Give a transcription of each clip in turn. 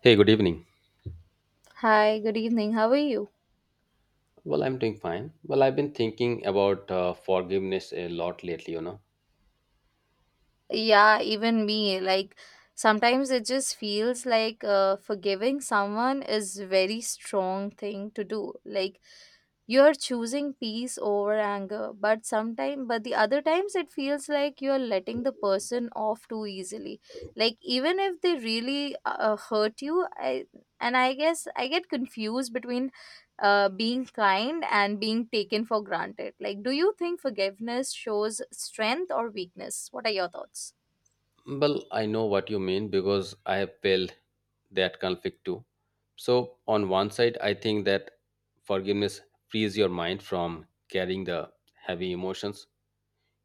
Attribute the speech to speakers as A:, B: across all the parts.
A: Hey, good evening.
B: Hi, good evening. How are you?
A: Well, I'm doing fine. Well, I've been thinking about forgiveness a lot lately,
B: Yeah, even me. Like, sometimes it just feels like forgiving someone is very strong thing to do. Like, you're choosing peace over anger, but sometimes, but the other times it feels like you're letting the person off too easily. Like, even if they really hurt you, I and I guess I get confused between being kind and being taken for granted. Like, do you think forgiveness shows strength or weakness? What are your thoughts?
A: Well, I know what you mean because I have felt that conflict too. So, on one side, I think that forgiveness frees your mind from carrying the heavy emotions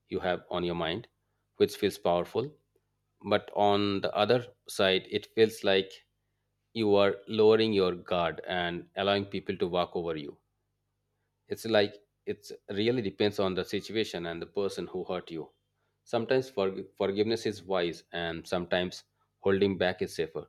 A: you have on your mind, which feels powerful. But on the other side, it feels like you are lowering your guard and allowing people to walk over you. It's like it really depends on the situation and the person who hurt you. Sometimes forgiveness is wise and sometimes holding back is safer.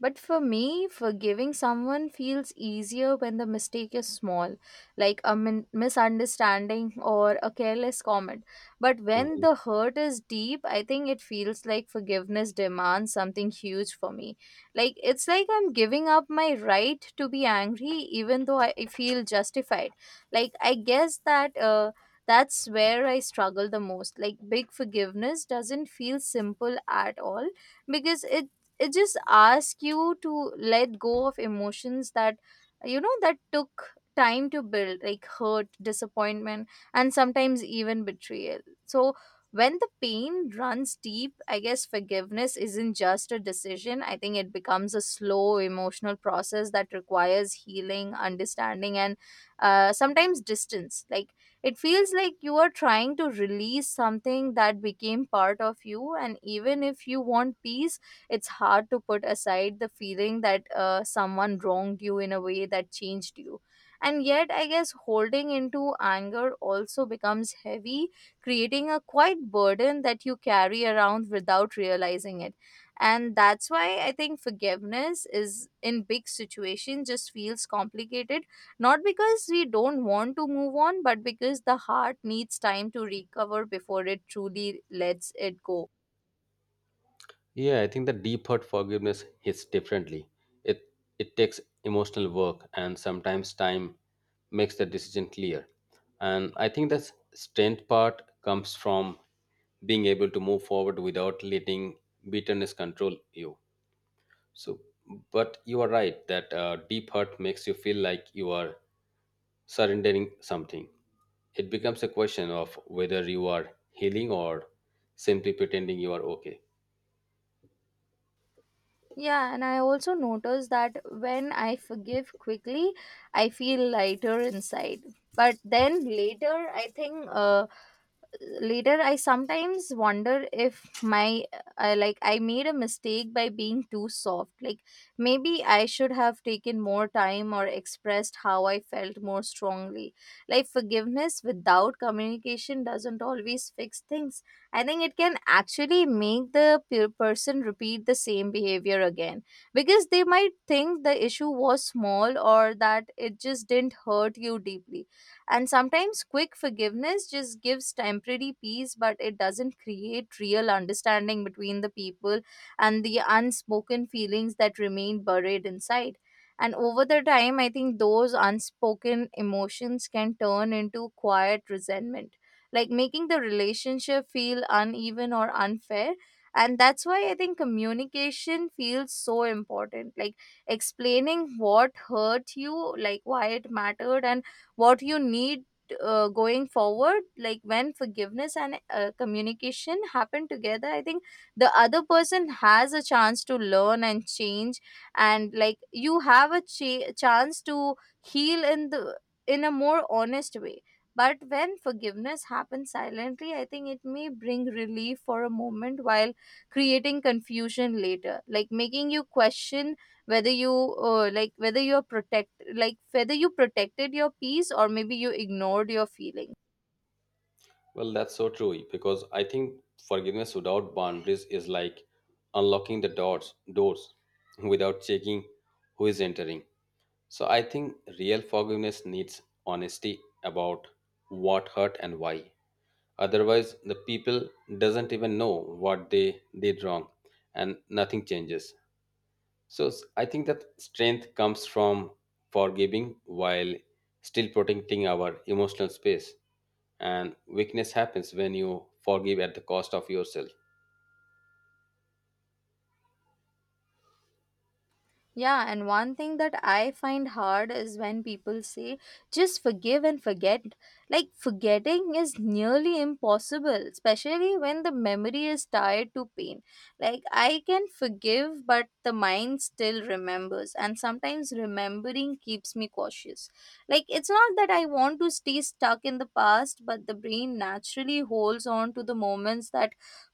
B: But for me, forgiving someone feels easier when the mistake is small, like a misunderstanding or a careless comment. But when
A: Mhm.
B: the hurt is deep, I think it feels like forgiveness demands something huge for me. Like it's like I'm giving up my right to be angry, even though I feel justified. Like I guess that. That's where I struggle the most. Like, big forgiveness doesn't feel simple at all because it just asks you to let go of emotions that, you know, that took time to build, like hurt, disappointment, and sometimes even betrayal. So when the pain runs deep, I guess forgiveness isn't just a decision. I think it becomes a slow emotional process that requires healing, understanding, and sometimes distance. Like it feels like you are trying to release something that became part of you, and even if you want peace, it's hard to put aside the feeling that someone wronged you in a way that changed you. And yet, I guess holding into anger also becomes heavy, creating a quite burden that you carry around without realizing it. And that's why I think forgiveness is in big situations just feels complicated, not because we don't want to move on, but because the heart needs time to recover before it truly lets it go.
A: Yeah, I think the deep hurt forgiveness hits differently. It it takes emotional work, and sometimes time makes the decision clear. And I think the strength part comes from being able to move forward without letting bitterness control you. So, but you are right that deep hurt makes you feel like you are surrendering something. It becomes a question of whether you are healing or simply pretending you are okay.
B: Yeah, and I also notice that when I forgive quickly, I feel lighter inside. But then later, I sometimes wonder if my I like I made a mistake by being too soft. Like maybe I should have taken more time or expressed how I felt more strongly. Like forgiveness without communication doesn't always fix things. I think it can actually make the person repeat the same behavior again, because they might think the issue was small or that it just didn't hurt you deeply. And sometimes quick forgiveness just gives temporary peace, but it doesn't create real understanding between the people and the unspoken feelings that remain buried inside. And over the time, I think those unspoken emotions can turn into quiet resentment, like making the relationship feel uneven or unfair. And that's why I think communication feels so important. Like explaining what hurt you, like why it mattered, and what you need going forward. Like when forgiveness and communication happen together, I think the other person has a chance to learn and change, and like you have a chance to heal in the in a more honest way. But when forgiveness happens silently, I think it may bring relief for a moment while creating confusion later, like making you question whether you like whether you're protect like whether you protected your peace or maybe you ignored your feelings.
A: Well, that's so true because I think forgiveness without boundaries is like unlocking the doors without checking who is entering. So I think real forgiveness needs honesty about what hurt and why. Otherwise the people doesn't even know what they did wrong, and nothing changes. So I think that strength comes from forgiving while still protecting our emotional space, and weakness happens when you forgive at the cost of yourself.
B: Yeah, and one thing that I find hard is when people say, just forgive and forget. Like, forgetting is nearly impossible, especially when the memory is tied to pain. Like, I can forgive, but the mind still remembers, and sometimes remembering keeps me cautious. Like, it's not that I want to stay stuck in the past, but the brain naturally holds on to the moments that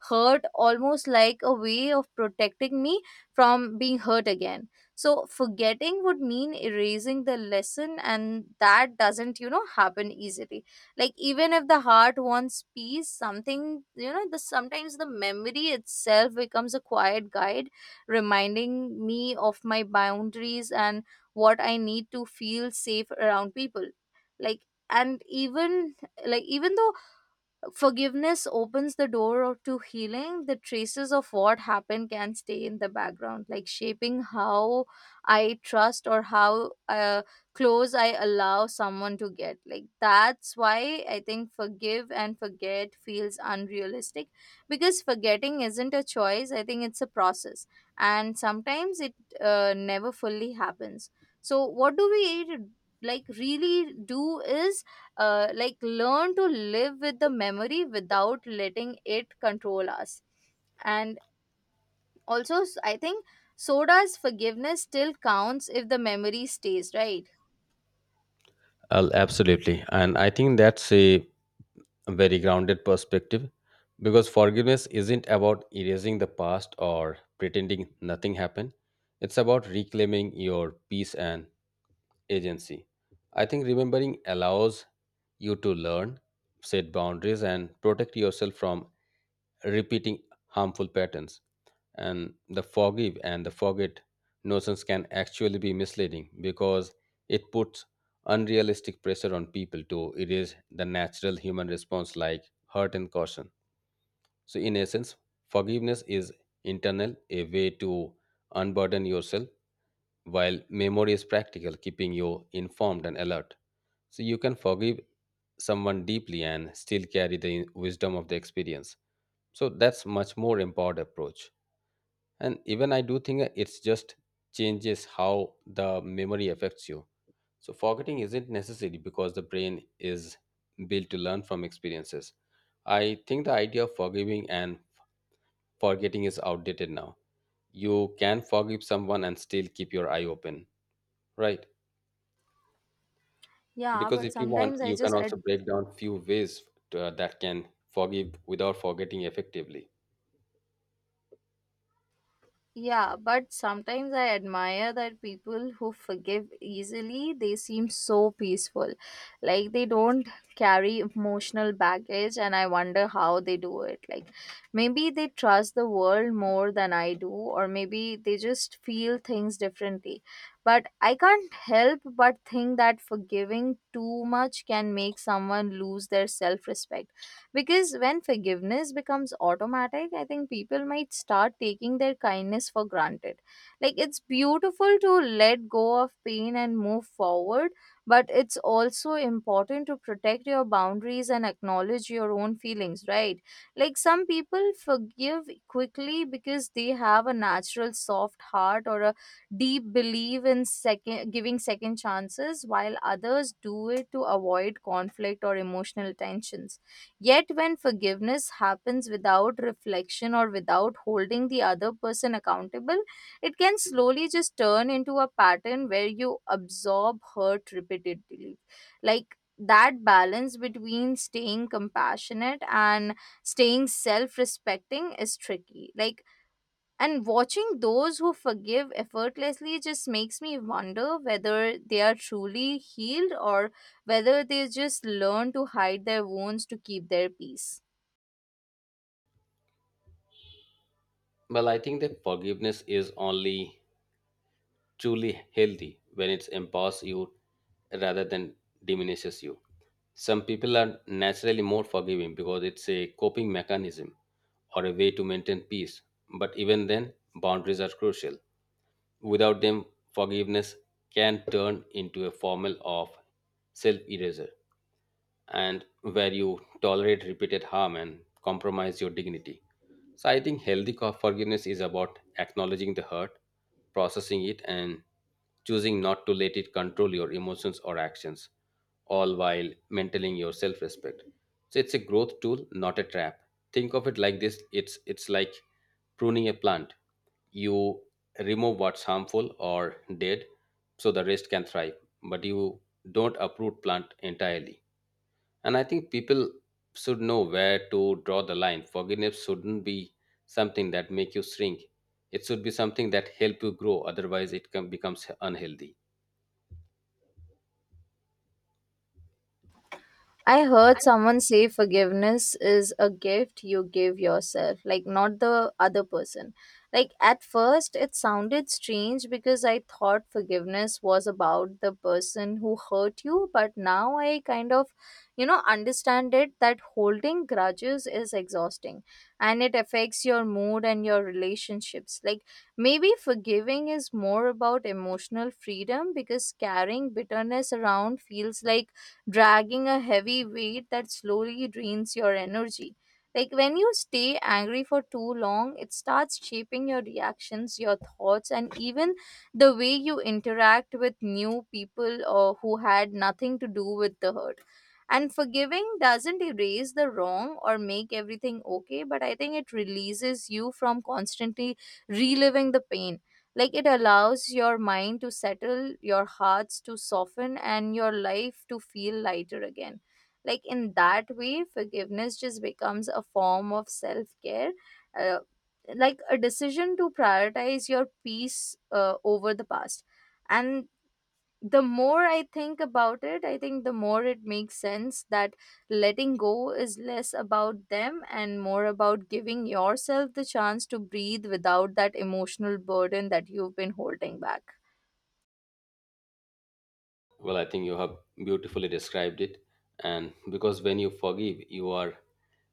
B: hurt, almost like a way of protecting me from being hurt again. So forgetting would mean erasing the lesson, and that doesn't, you know, happen easily. Like even if the heart wants peace, something, you know, the sometimes the memory itself becomes a quiet guide, reminding me of my boundaries and what I need to feel safe around people. Like and even like even though forgiveness opens the door to healing, the traces of what happened can stay in the background, like shaping how I trust or how close I allow someone to get. Like that's why I think forgive and forget feels unrealistic, because forgetting isn't a choice. I think it's a process, and sometimes it never fully happens. So what do we like really do is like learn to live with the memory without letting it control us. And also s- I think so does forgiveness still counts if the memory stays, right?
A: Absolutely, and I think that's a very grounded perspective because forgiveness isn't about erasing the past or pretending nothing happened. It's about reclaiming your peace and agency. I think remembering allows you to learn, set boundaries, and protect yourself from repeating harmful patterns. And the forgive and the forget notions can actually be misleading because it puts unrealistic pressure on people to erase the natural human response like hurt and caution. So, in essence, forgiveness is internal, a way to unburden yourself, while memory is practical, keeping you informed and alert. So, you can forgive someone deeply and still carry the wisdom of the experience. So, that's much more empowered approach. And even I do think it's just changes how the memory affects you. So, forgetting isn't necessary because the brain is built to learn from experiences. I think the idea of forgiving and forgetting is outdated now. You can forgive someone and still keep your eye open, right?
B: Yeah,
A: Because
B: but
A: if you want,
B: sometimes I
A: you
B: just.
A: can also break down few ways that can forgive without forgetting effectively.
B: Yeah, but sometimes I admire that people who forgive easily, they seem so peaceful. Like they don't carry emotional baggage, and I wonder how they do it. Like maybe they trust the world more than I do, or maybe they just feel things differently. But I can't help but think that forgiving too much can make someone lose their self respect, because when forgiveness becomes automatic, I think people might start taking their kindness for granted. Like it's beautiful to let go of pain and move forward, but it's also important to protect your boundaries and acknowledge your own feelings, right? Like some people forgive quickly because they have a natural soft heart or a deep belief in second giving second chances, while others do it to avoid conflict or emotional tensions. Yet, when forgiveness happens without reflection or without holding the other person accountable, it can slowly just turn into a pattern where you absorb hurt repeatedly. Like that balance between staying compassionate and staying self respecting is tricky. Like, and watching those who forgive effortlessly just makes me wonder whether they are truly healed or whether they just learn to hide their wounds to keep their peace.
A: Well, I think that forgiveness is only truly healthy when it empowers you rather than diminishes you. Some people are naturally more forgiving because it's a coping mechanism or a way to maintain peace. But even then, boundaries are crucial. Without them, forgiveness can turn into a formal of self erasure, and where you tolerate repeated harm and compromise your dignity. So I think healthy forgiveness is about acknowledging the hurt, processing it, and choosing not to let it control your emotions or actions, all while maintaining your self-respect. So it's a growth tool, not a trap. Think of it like this: it's like pruning a plant. You remove what's harmful or dead, so the rest can thrive. But you don't uproot plant entirely, and I think people should know where to draw the line. Forgiveness shouldn't be something that make you shrink. It should be something that help you grow. Otherwise, it can, becomes unhealthy.
B: I heard someone say forgiveness is a gift you give yourself, like not the other person. Like at first, it sounded strange because I thought forgiveness was about the person who hurt you, but now I kind of, you know, understand it, that holding grudges is exhausting and it affects your mood and your relationships. Like maybe forgiving is more about emotional freedom, because carrying bitterness around feels like dragging a heavy weight that slowly drains your energy. Like when you stay angry for too long, it starts shaping your reactions, your thoughts, and even the way you interact with new people or who had nothing to do with the hurt. And forgiving doesn't erase the wrong or make everything okay, but I think it releases you from constantly reliving the pain. Like it allows your mind to settle, your hearts to soften, and your life to feel lighter again. Like in that way, forgiveness just becomes a form of self care. Uh, like a decision to prioritize your peace over the past. And the more I think about it, I think the more it makes sense that letting go is less about them and more about giving yourself the chance to breathe without that emotional burden that you've been holding back.
A: Well, I think you have beautifully described it. And because when you forgive, you are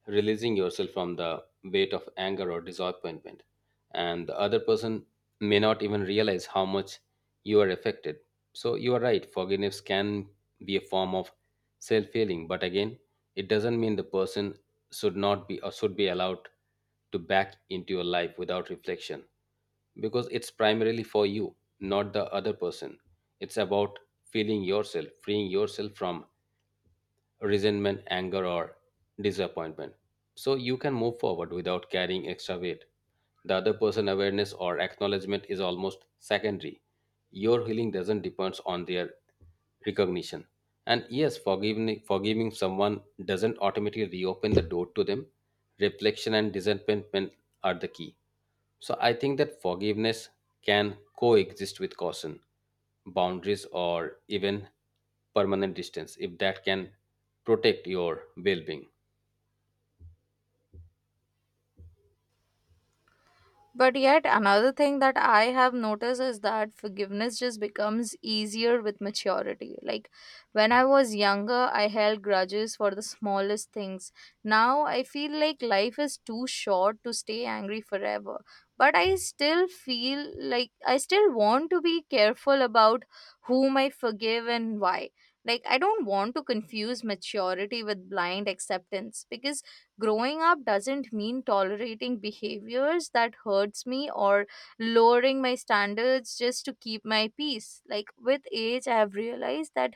A: releasing yourself from the weight of anger or disappointment. And the other person may not even realize how much you are affected. So you are right, forgiveness can be a form of self healing. But again, it doesn't mean the person should not be or should be allowed to back into your life without reflection because it's primarily for you, not the other person. It's about feeling yourself, freeing yourself from resentment, anger, or disappointment. So you can move forward without carrying extra weight. The other person awareness or acknowledgement is almost secondary. Your healing doesn't depend on their recognition. And yes, forgiving someone doesn't automatically reopen the door to them. Reflection and disappointment are the key. So I think that forgiveness can coexist with caution, boundaries, or even permanent distance if that can protect your well being.
B: But yet, another thing that I have noticed is that forgiveness just becomes easier with maturity. Like when I was younger, I held grudges for the smallest things. Now I feel like life is too short to stay angry forever. But I still feel like I still want to be careful about whom I forgive and why. Like, I don't want to confuse maturity with blind acceptance, because growing up doesn't mean tolerating behaviors that hurts me or lowering my standards just to keep my peace. Like with age, I have realized that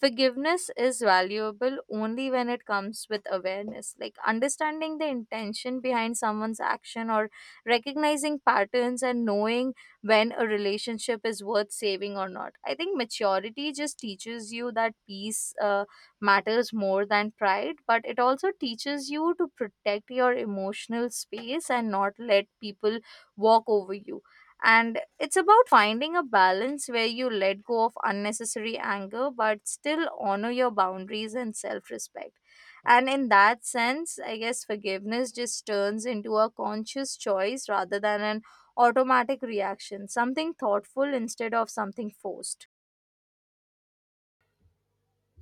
B: forgiveness is valuable only when it comes with awareness, like understanding the intention behind someone's action or recognizing patterns and knowing when a relationship is worth saving or not. I think maturity just teaches you that peace matters more than pride, but it also teaches you to protect your emotional space and not let people walk over you. And it's about finding a balance where you let go of unnecessary anger but still honor your boundaries and self respect. And in that sense, I guess forgiveness just turns into a conscious choice rather than an automatic reaction, something thoughtful instead of something forced.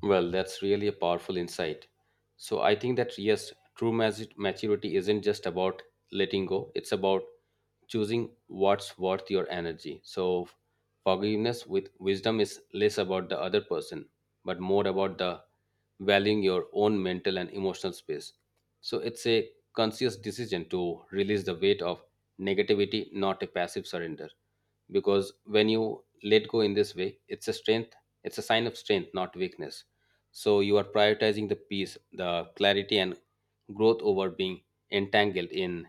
A: Well, that's really a powerful insight. So I think that yes, true maturity isn't just about letting go, it's about choosing what's worth your energy. So forgiveness with wisdom is less about the other person, but more about the valuing your own mental and emotional space. So it's a conscious decision to release the weight of negativity, not a passive surrender. Because when you let go in this way it's a strength, it's a sign of strength not weakness. So you are prioritizing the peace, the clarity, and growth over being entangled in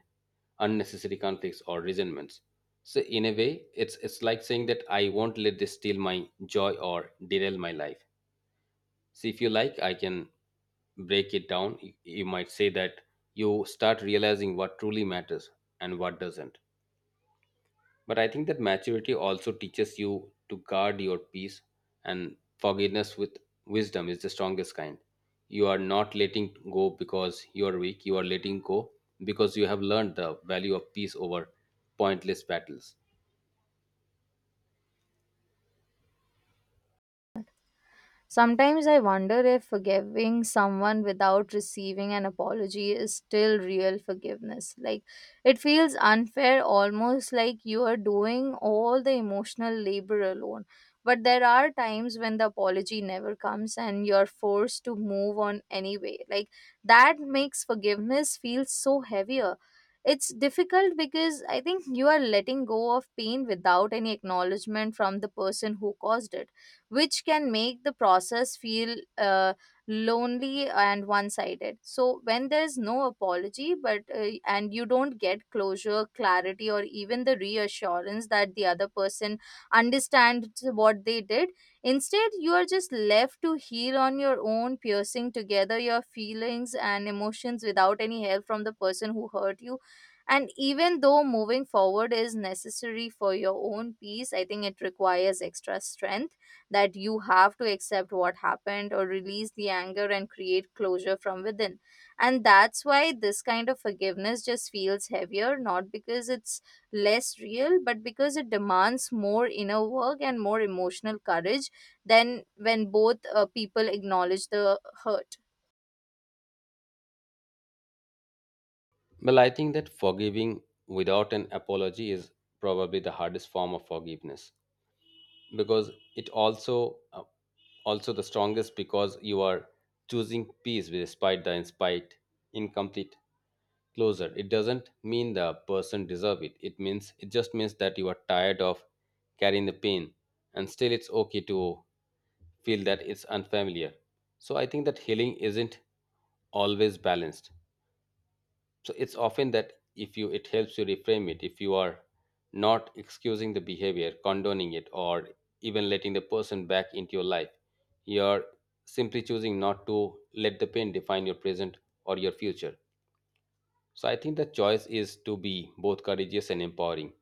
A: unnecessary conflicts or resentments. So in a way it's like saying that I won't let this steal my joy or derail my life. See, if you like I can break it down, you might say that you start realizing what truly matters and what doesn't. But I think that maturity also teaches you to guard your peace, and forgiveness with wisdom is the strongest kind. You are not letting go because you are weak, you are letting go because you have learned the value of peace over pointless battles.
B: Sometimes I wonder if forgiving someone without receiving an apology is still real forgiveness. Like, it feels unfair, almost like you are doing all the emotional labor alone. But there are times when the apology never comes and you're forced to move on anyway. Like, that makes forgiveness feel so heavier. It's difficult because I think you are letting go of pain without any acknowledgement from the person who caused it, which can make the process feel lonely and one-sided. So when there's no apology but and you don't get closure, clarity, or even the reassurance that the other person understands what they did. Instead, you are just left to heal on your own, piercing together your feelings and emotions without any help from the person who hurt you. And even though moving forward is necessary for your own peace, I think it requires extra strength, that you have to accept what happened or release the anger and create closure from within. And that's why this kind of forgiveness just feels heavier, not because it's less real, but because it demands more inner work and more emotional courage than when both people acknowledge the hurt.
A: Well, I think that forgiving without an apology is probably the hardest form of forgiveness because it also also the strongest because you are choosing peace despite the in spite incomplete closer. It doesn't mean the person deserve it, it means it just means that you are tired of carrying the pain. And still it's okay to feel that it's unfamiliar. So I think that healing isn't always balanced. So it's often that if you it helps you reframe it if you are not excusing the behavior, condoning it, or even letting the person back into your life, you're simply choosing not to let the pain define your present or your future. So I think the choice is to be both courageous and empowering.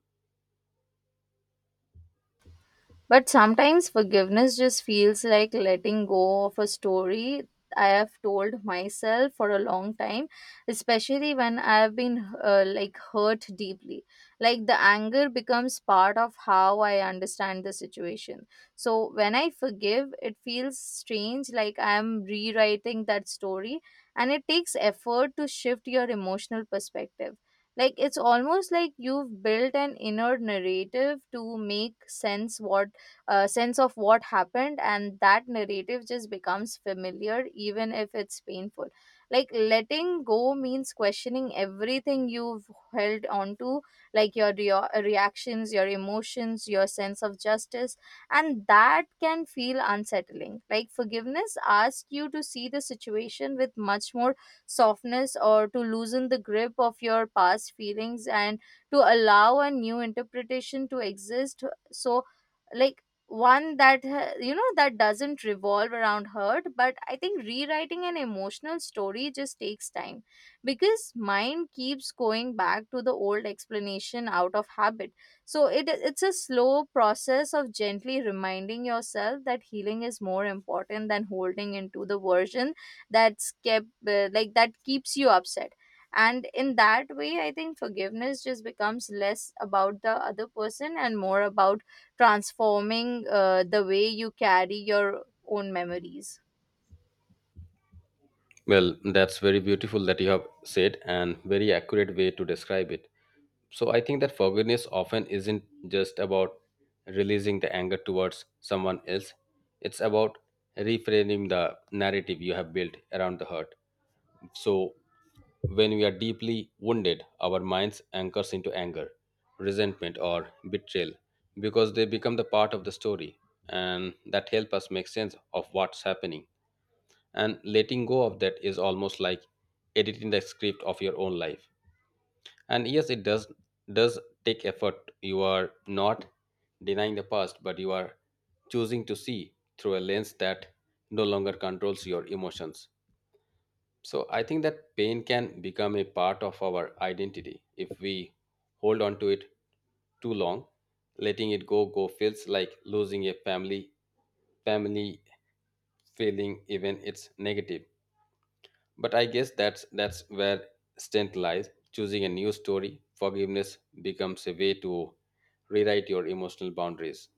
B: But sometimes forgiveness just feels like letting go of a story I have told myself for a long time, especially when I have been like hurt deeply. Like, the anger becomes part of how I understand the situation. So when I forgive, it feels strange, like I am rewriting that story, and it takes effort to shift your emotional perspective. Like, it's almost like you've built an inner narrative to make sense what sense of what happened, and that narrative just becomes familiar even if it's painful. Like, letting go means questioning everything you've held on to, like your reactions, your emotions, your sense of justice. And that can feel unsettling. Like, forgiveness asks you to see the situation with much more softness, or to loosen the grip of your past feelings and to allow a new interpretation to exist. So, like, one that that doesn't revolve around hurt. But I think rewriting an emotional story just takes time, because mind keeps going back to the old explanation out of habit. So it's a slow process of gently reminding yourself that healing is more important than holding into the version that's kept like that keeps you upset. And in that way, I think forgiveness just becomes less about the other person and more about transforming the way you carry your own memories.
A: Well, that's very beautiful that you have said and very accurate way to describe it. So I think that forgiveness often isn't just about releasing the anger towards someone else. It's about reframing the narrative you have built around the hurt. So when we are deeply wounded, our minds anchors into anger, resentment, or betrayal because they become the part of the story and that help us make sense of what's happening. And letting go of that is almost like editing the script of your own life. And yes, it does take effort. You are not denying the past, but you are choosing to see through a lens that no longer controls your emotions. So I think that pain can become a part of our identity if we hold on to it too long. Letting it go feels like losing a family feeling even it's negative. But I guess that's where strength lies. Choosing a new story, forgiveness becomes a way to rewrite your emotional boundaries.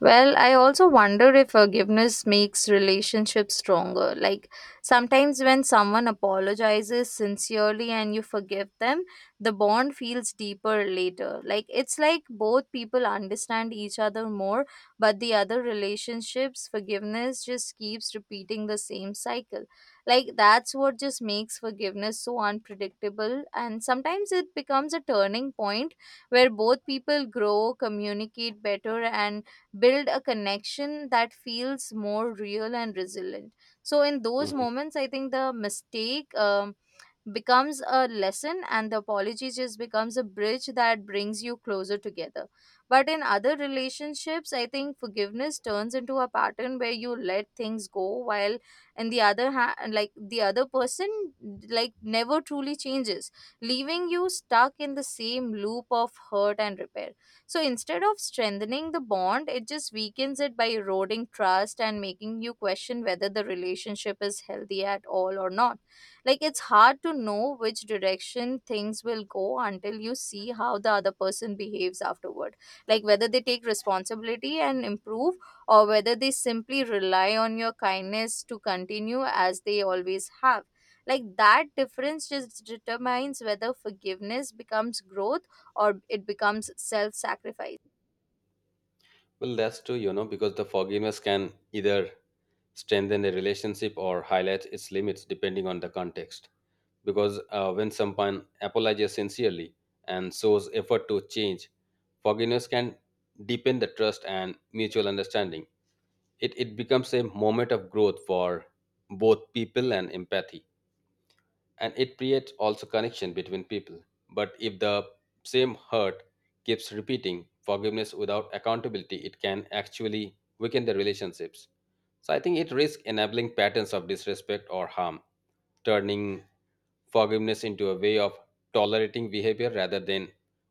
B: Well, I also wonder if forgiveness makes relationships stronger. Like, sometimes when someone apologizes sincerely and you forgive them, the bond feels deeper later. Like, it's like both people understand each other more, but the other relationships, forgiveness just keeps repeating the same cycle. Like, that's what just makes forgiveness so unpredictable. And sometimes it becomes a turning point where both people grow, communicate better, and build a connection that feels more real and resilient. So in those
A: Hmm.
B: moments, I think the mistake becomes a lesson, and the apology just becomes a bridge that brings you closer together. But in other relationships, I think forgiveness turns into a pattern where you let things go while, in the other hand, like the other person like never truly changes, leaving you stuck in the same loop of hurt and repair. So instead of strengthening the bond, it just weakens it by eroding trust and making you question whether the relationship is healthy at all or not. Like, it's hard to know which direction things will go until you see how the other person behaves afterward. Like, whether they take responsibility and improve, or whether they simply rely on your kindness to continue as they always have. Like, that difference just determines whether forgiveness becomes growth or it becomes self sacrifice.
A: Well, that's true, you know, because the forgiveness can either strengthen a relationship or highlight its limits depending on the context. Because when someone apologizes sincerely and shows effort to change, forgiveness can deepen the trust and mutual understanding. It becomes a moment of growth for both people and empathy, and it creates also connection between people. But if the same hurt keeps repeating forgiveness without accountability, it can actually weaken the relationships. So I think it risks enabling patterns of disrespect or harm, turning forgiveness into a way of tolerating behavior rather than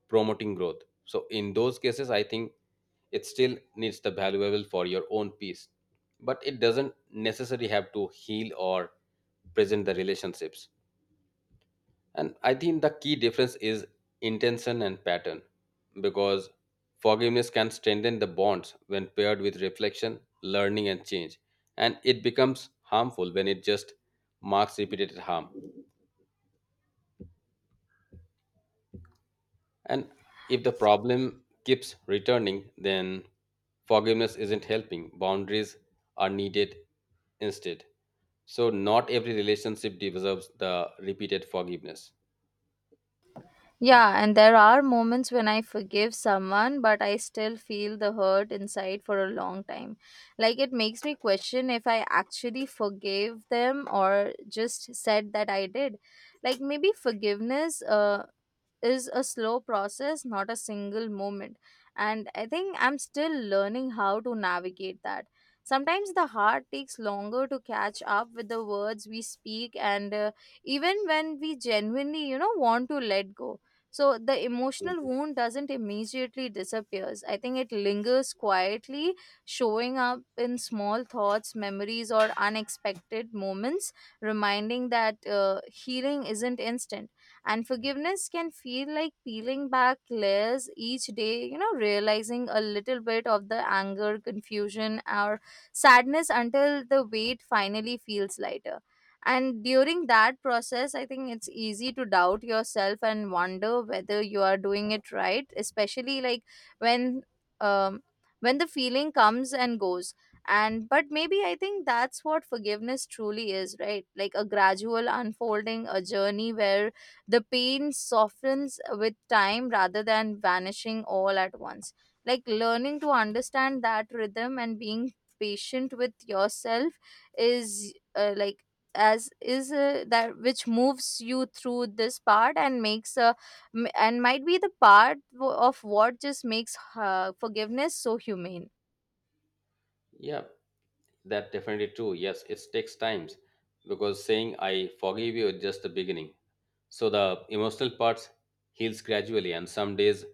A: promoting growth. So in those cases I think it still needs the valuable for your own peace, but it doesn't necessarily have to heal or present the relationships. And I think the key difference is intention and pattern, because forgiveness can strengthen the bonds when paired with reflection, learning, and change. And it becomes harmful when it just marks repeated harm. And if the problem keeps returning, then forgiveness isn't helping. Boundaries are needed instead. So, not every relationship deserves the repeated forgiveness.
B: Yeah, and there are moments when I forgive someone, but I still feel the hurt inside for a long time. Like, it makes me question if I actually forgave them or just said that I did. Like, maybe forgiveness is a slow process, not a single moment. And I think I'm still learning how to navigate that. Sometimes the heart takes longer to catch up with the words we speak, and even when we genuinely, you know, want to let go. So the emotional wound doesn't immediately disappears. I think it lingers quietly, showing up in small thoughts, memories, or unexpected moments, reminding that healing isn't instant, and forgiveness can feel like peeling back layers each day, you know, realizing a little bit of the anger, confusion, or sadness until the weight finally feels lighter. And during that process, I think it's easy to doubt yourself and wonder whether you are doing it right, especially like when. Um, when the feeling comes and goes. And but maybe I think that's what forgiveness truly is, right? Like a gradual unfolding, a journey where the pain softens with time rather than vanishing all at once. Like learning to understand that rhythm and being patient with yourself is like as is that which moves you through this part and makes a and might be the part of what just makes forgiveness so humane.
A: Yeah, that definitely true. Yes, it takes times because saying I forgive you is just the beginning. So the emotional part heals gradually and some days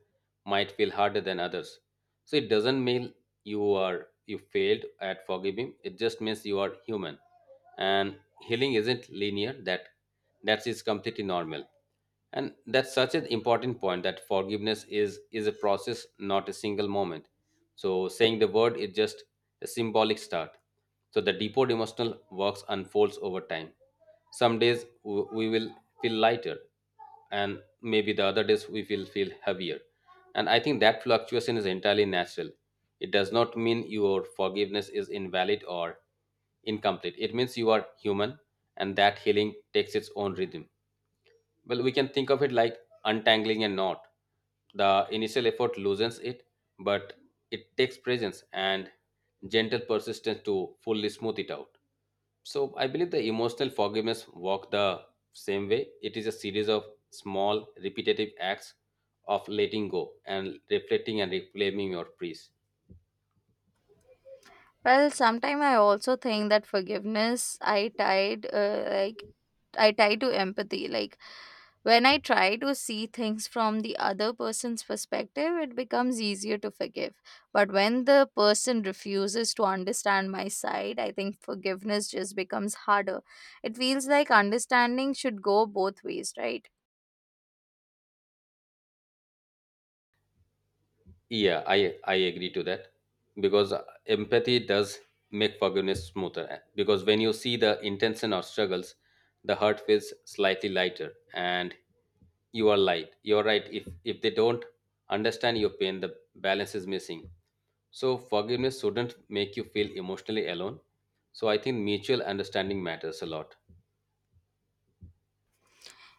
A: might feel harder than others. So it doesn't mean you are you failed at forgiving. It just means you are human. And healing isn't linear. That is completely normal. And that's such an important point that forgiveness is a process, not a single moment. So saying the word is just a symbolic start. So the deeper emotional works unfolds over time. Some days we will feel lighter, and maybe the other days we will feel heavier. And I think that fluctuation is entirely natural. It does not mean your forgiveness is invalid or incomplete. It means you are human, and that healing takes its own rhythm. Well, we can think of it like untangling a knot. The initial effort loosens it, but it takes presence and gentle persistence to fully smooth it out. So I believe the emotional forgiveness walk the same way. It is a series of small repetitive acts of letting go and reflecting and reclaiming your peace.
B: Well, sometime I also think that forgiveness I tied like I tie to empathy. Like, when I try to see things from the other person's perspective, it becomes easier to forgive. But when the person refuses to understand my side, I think forgiveness just becomes harder. It feels like understanding should go both ways, right?
A: Yeah, I agree to that because empathy does make forgiveness smoother. Because when you see the intention or struggles, the heart feels slightly lighter, and you are light. You are right. If they don't understand your pain, the balance is missing. So forgiveness shouldn't make you feel emotionally alone. So I think mutual understanding matters a lot.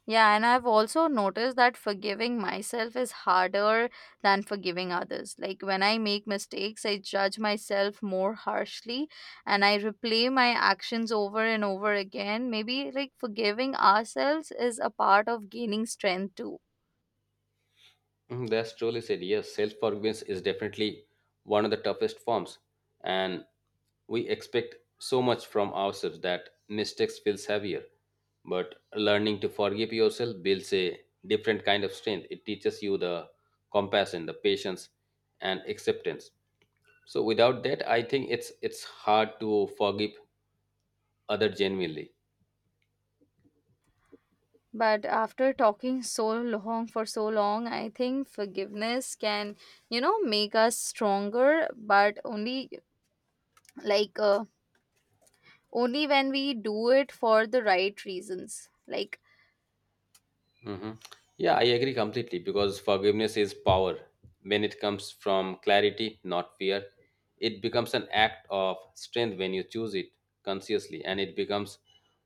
B: Yeah, and I've also noticed that forgiving myself is harder than forgiving others. Like, when I make mistakes, I judge myself more harshly, and I replay my actions over and over again. Maybe like forgiving ourselves is a part of gaining strength too.
A: Mm, that's truly said. Yes, self forgiveness is definitely one of the toughest forms, and we expect so much from ourselves that mistakes feels heavier. But learning to forgive yourself builds a different kind of strength. It teaches you the compassion, the patience, and acceptance. So without that, I think it's hard to forgive other genuinely.
B: But after talking so long for so long, I think forgiveness can, you know, make us stronger, but only like only when we do it for the right reasons. Like.
A: Hmm. Yeah, I agree completely because forgiveness is power. When it comes from clarity, not fear, it becomes an act of strength when you choose it consciously, and it becomes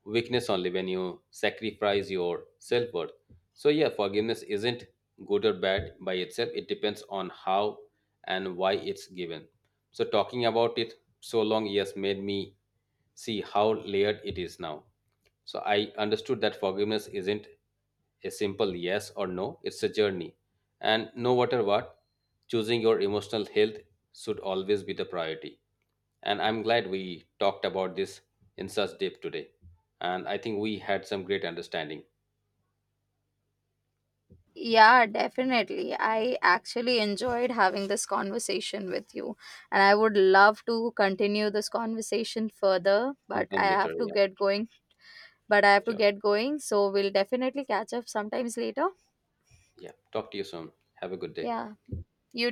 A: weakness only when you sacrifice your self worth. So, yeah, forgiveness isn't good or bad by itself, it depends on how and why it's given. So, talking about it so long, yes, made me see how layered it is now. So I understood that forgiveness isn't a simple yes or no, it's a journey. And no matter what, choosing your emotional health should always be the priority. And I'm glad we talked about this in such depth today. And I think we had some great understanding
B: Yeah, definitely. I actually enjoyed having this conversation with you, and I would love to continue this conversation further, but I
A: sometime later.
B: have to
A: Yeah,
B: get going. But I have to
A: sure.
B: get going, so we'll definitely catch up sometimes later.
A: Yeah. Talk to you soon. Have a good day.
B: Yeah, you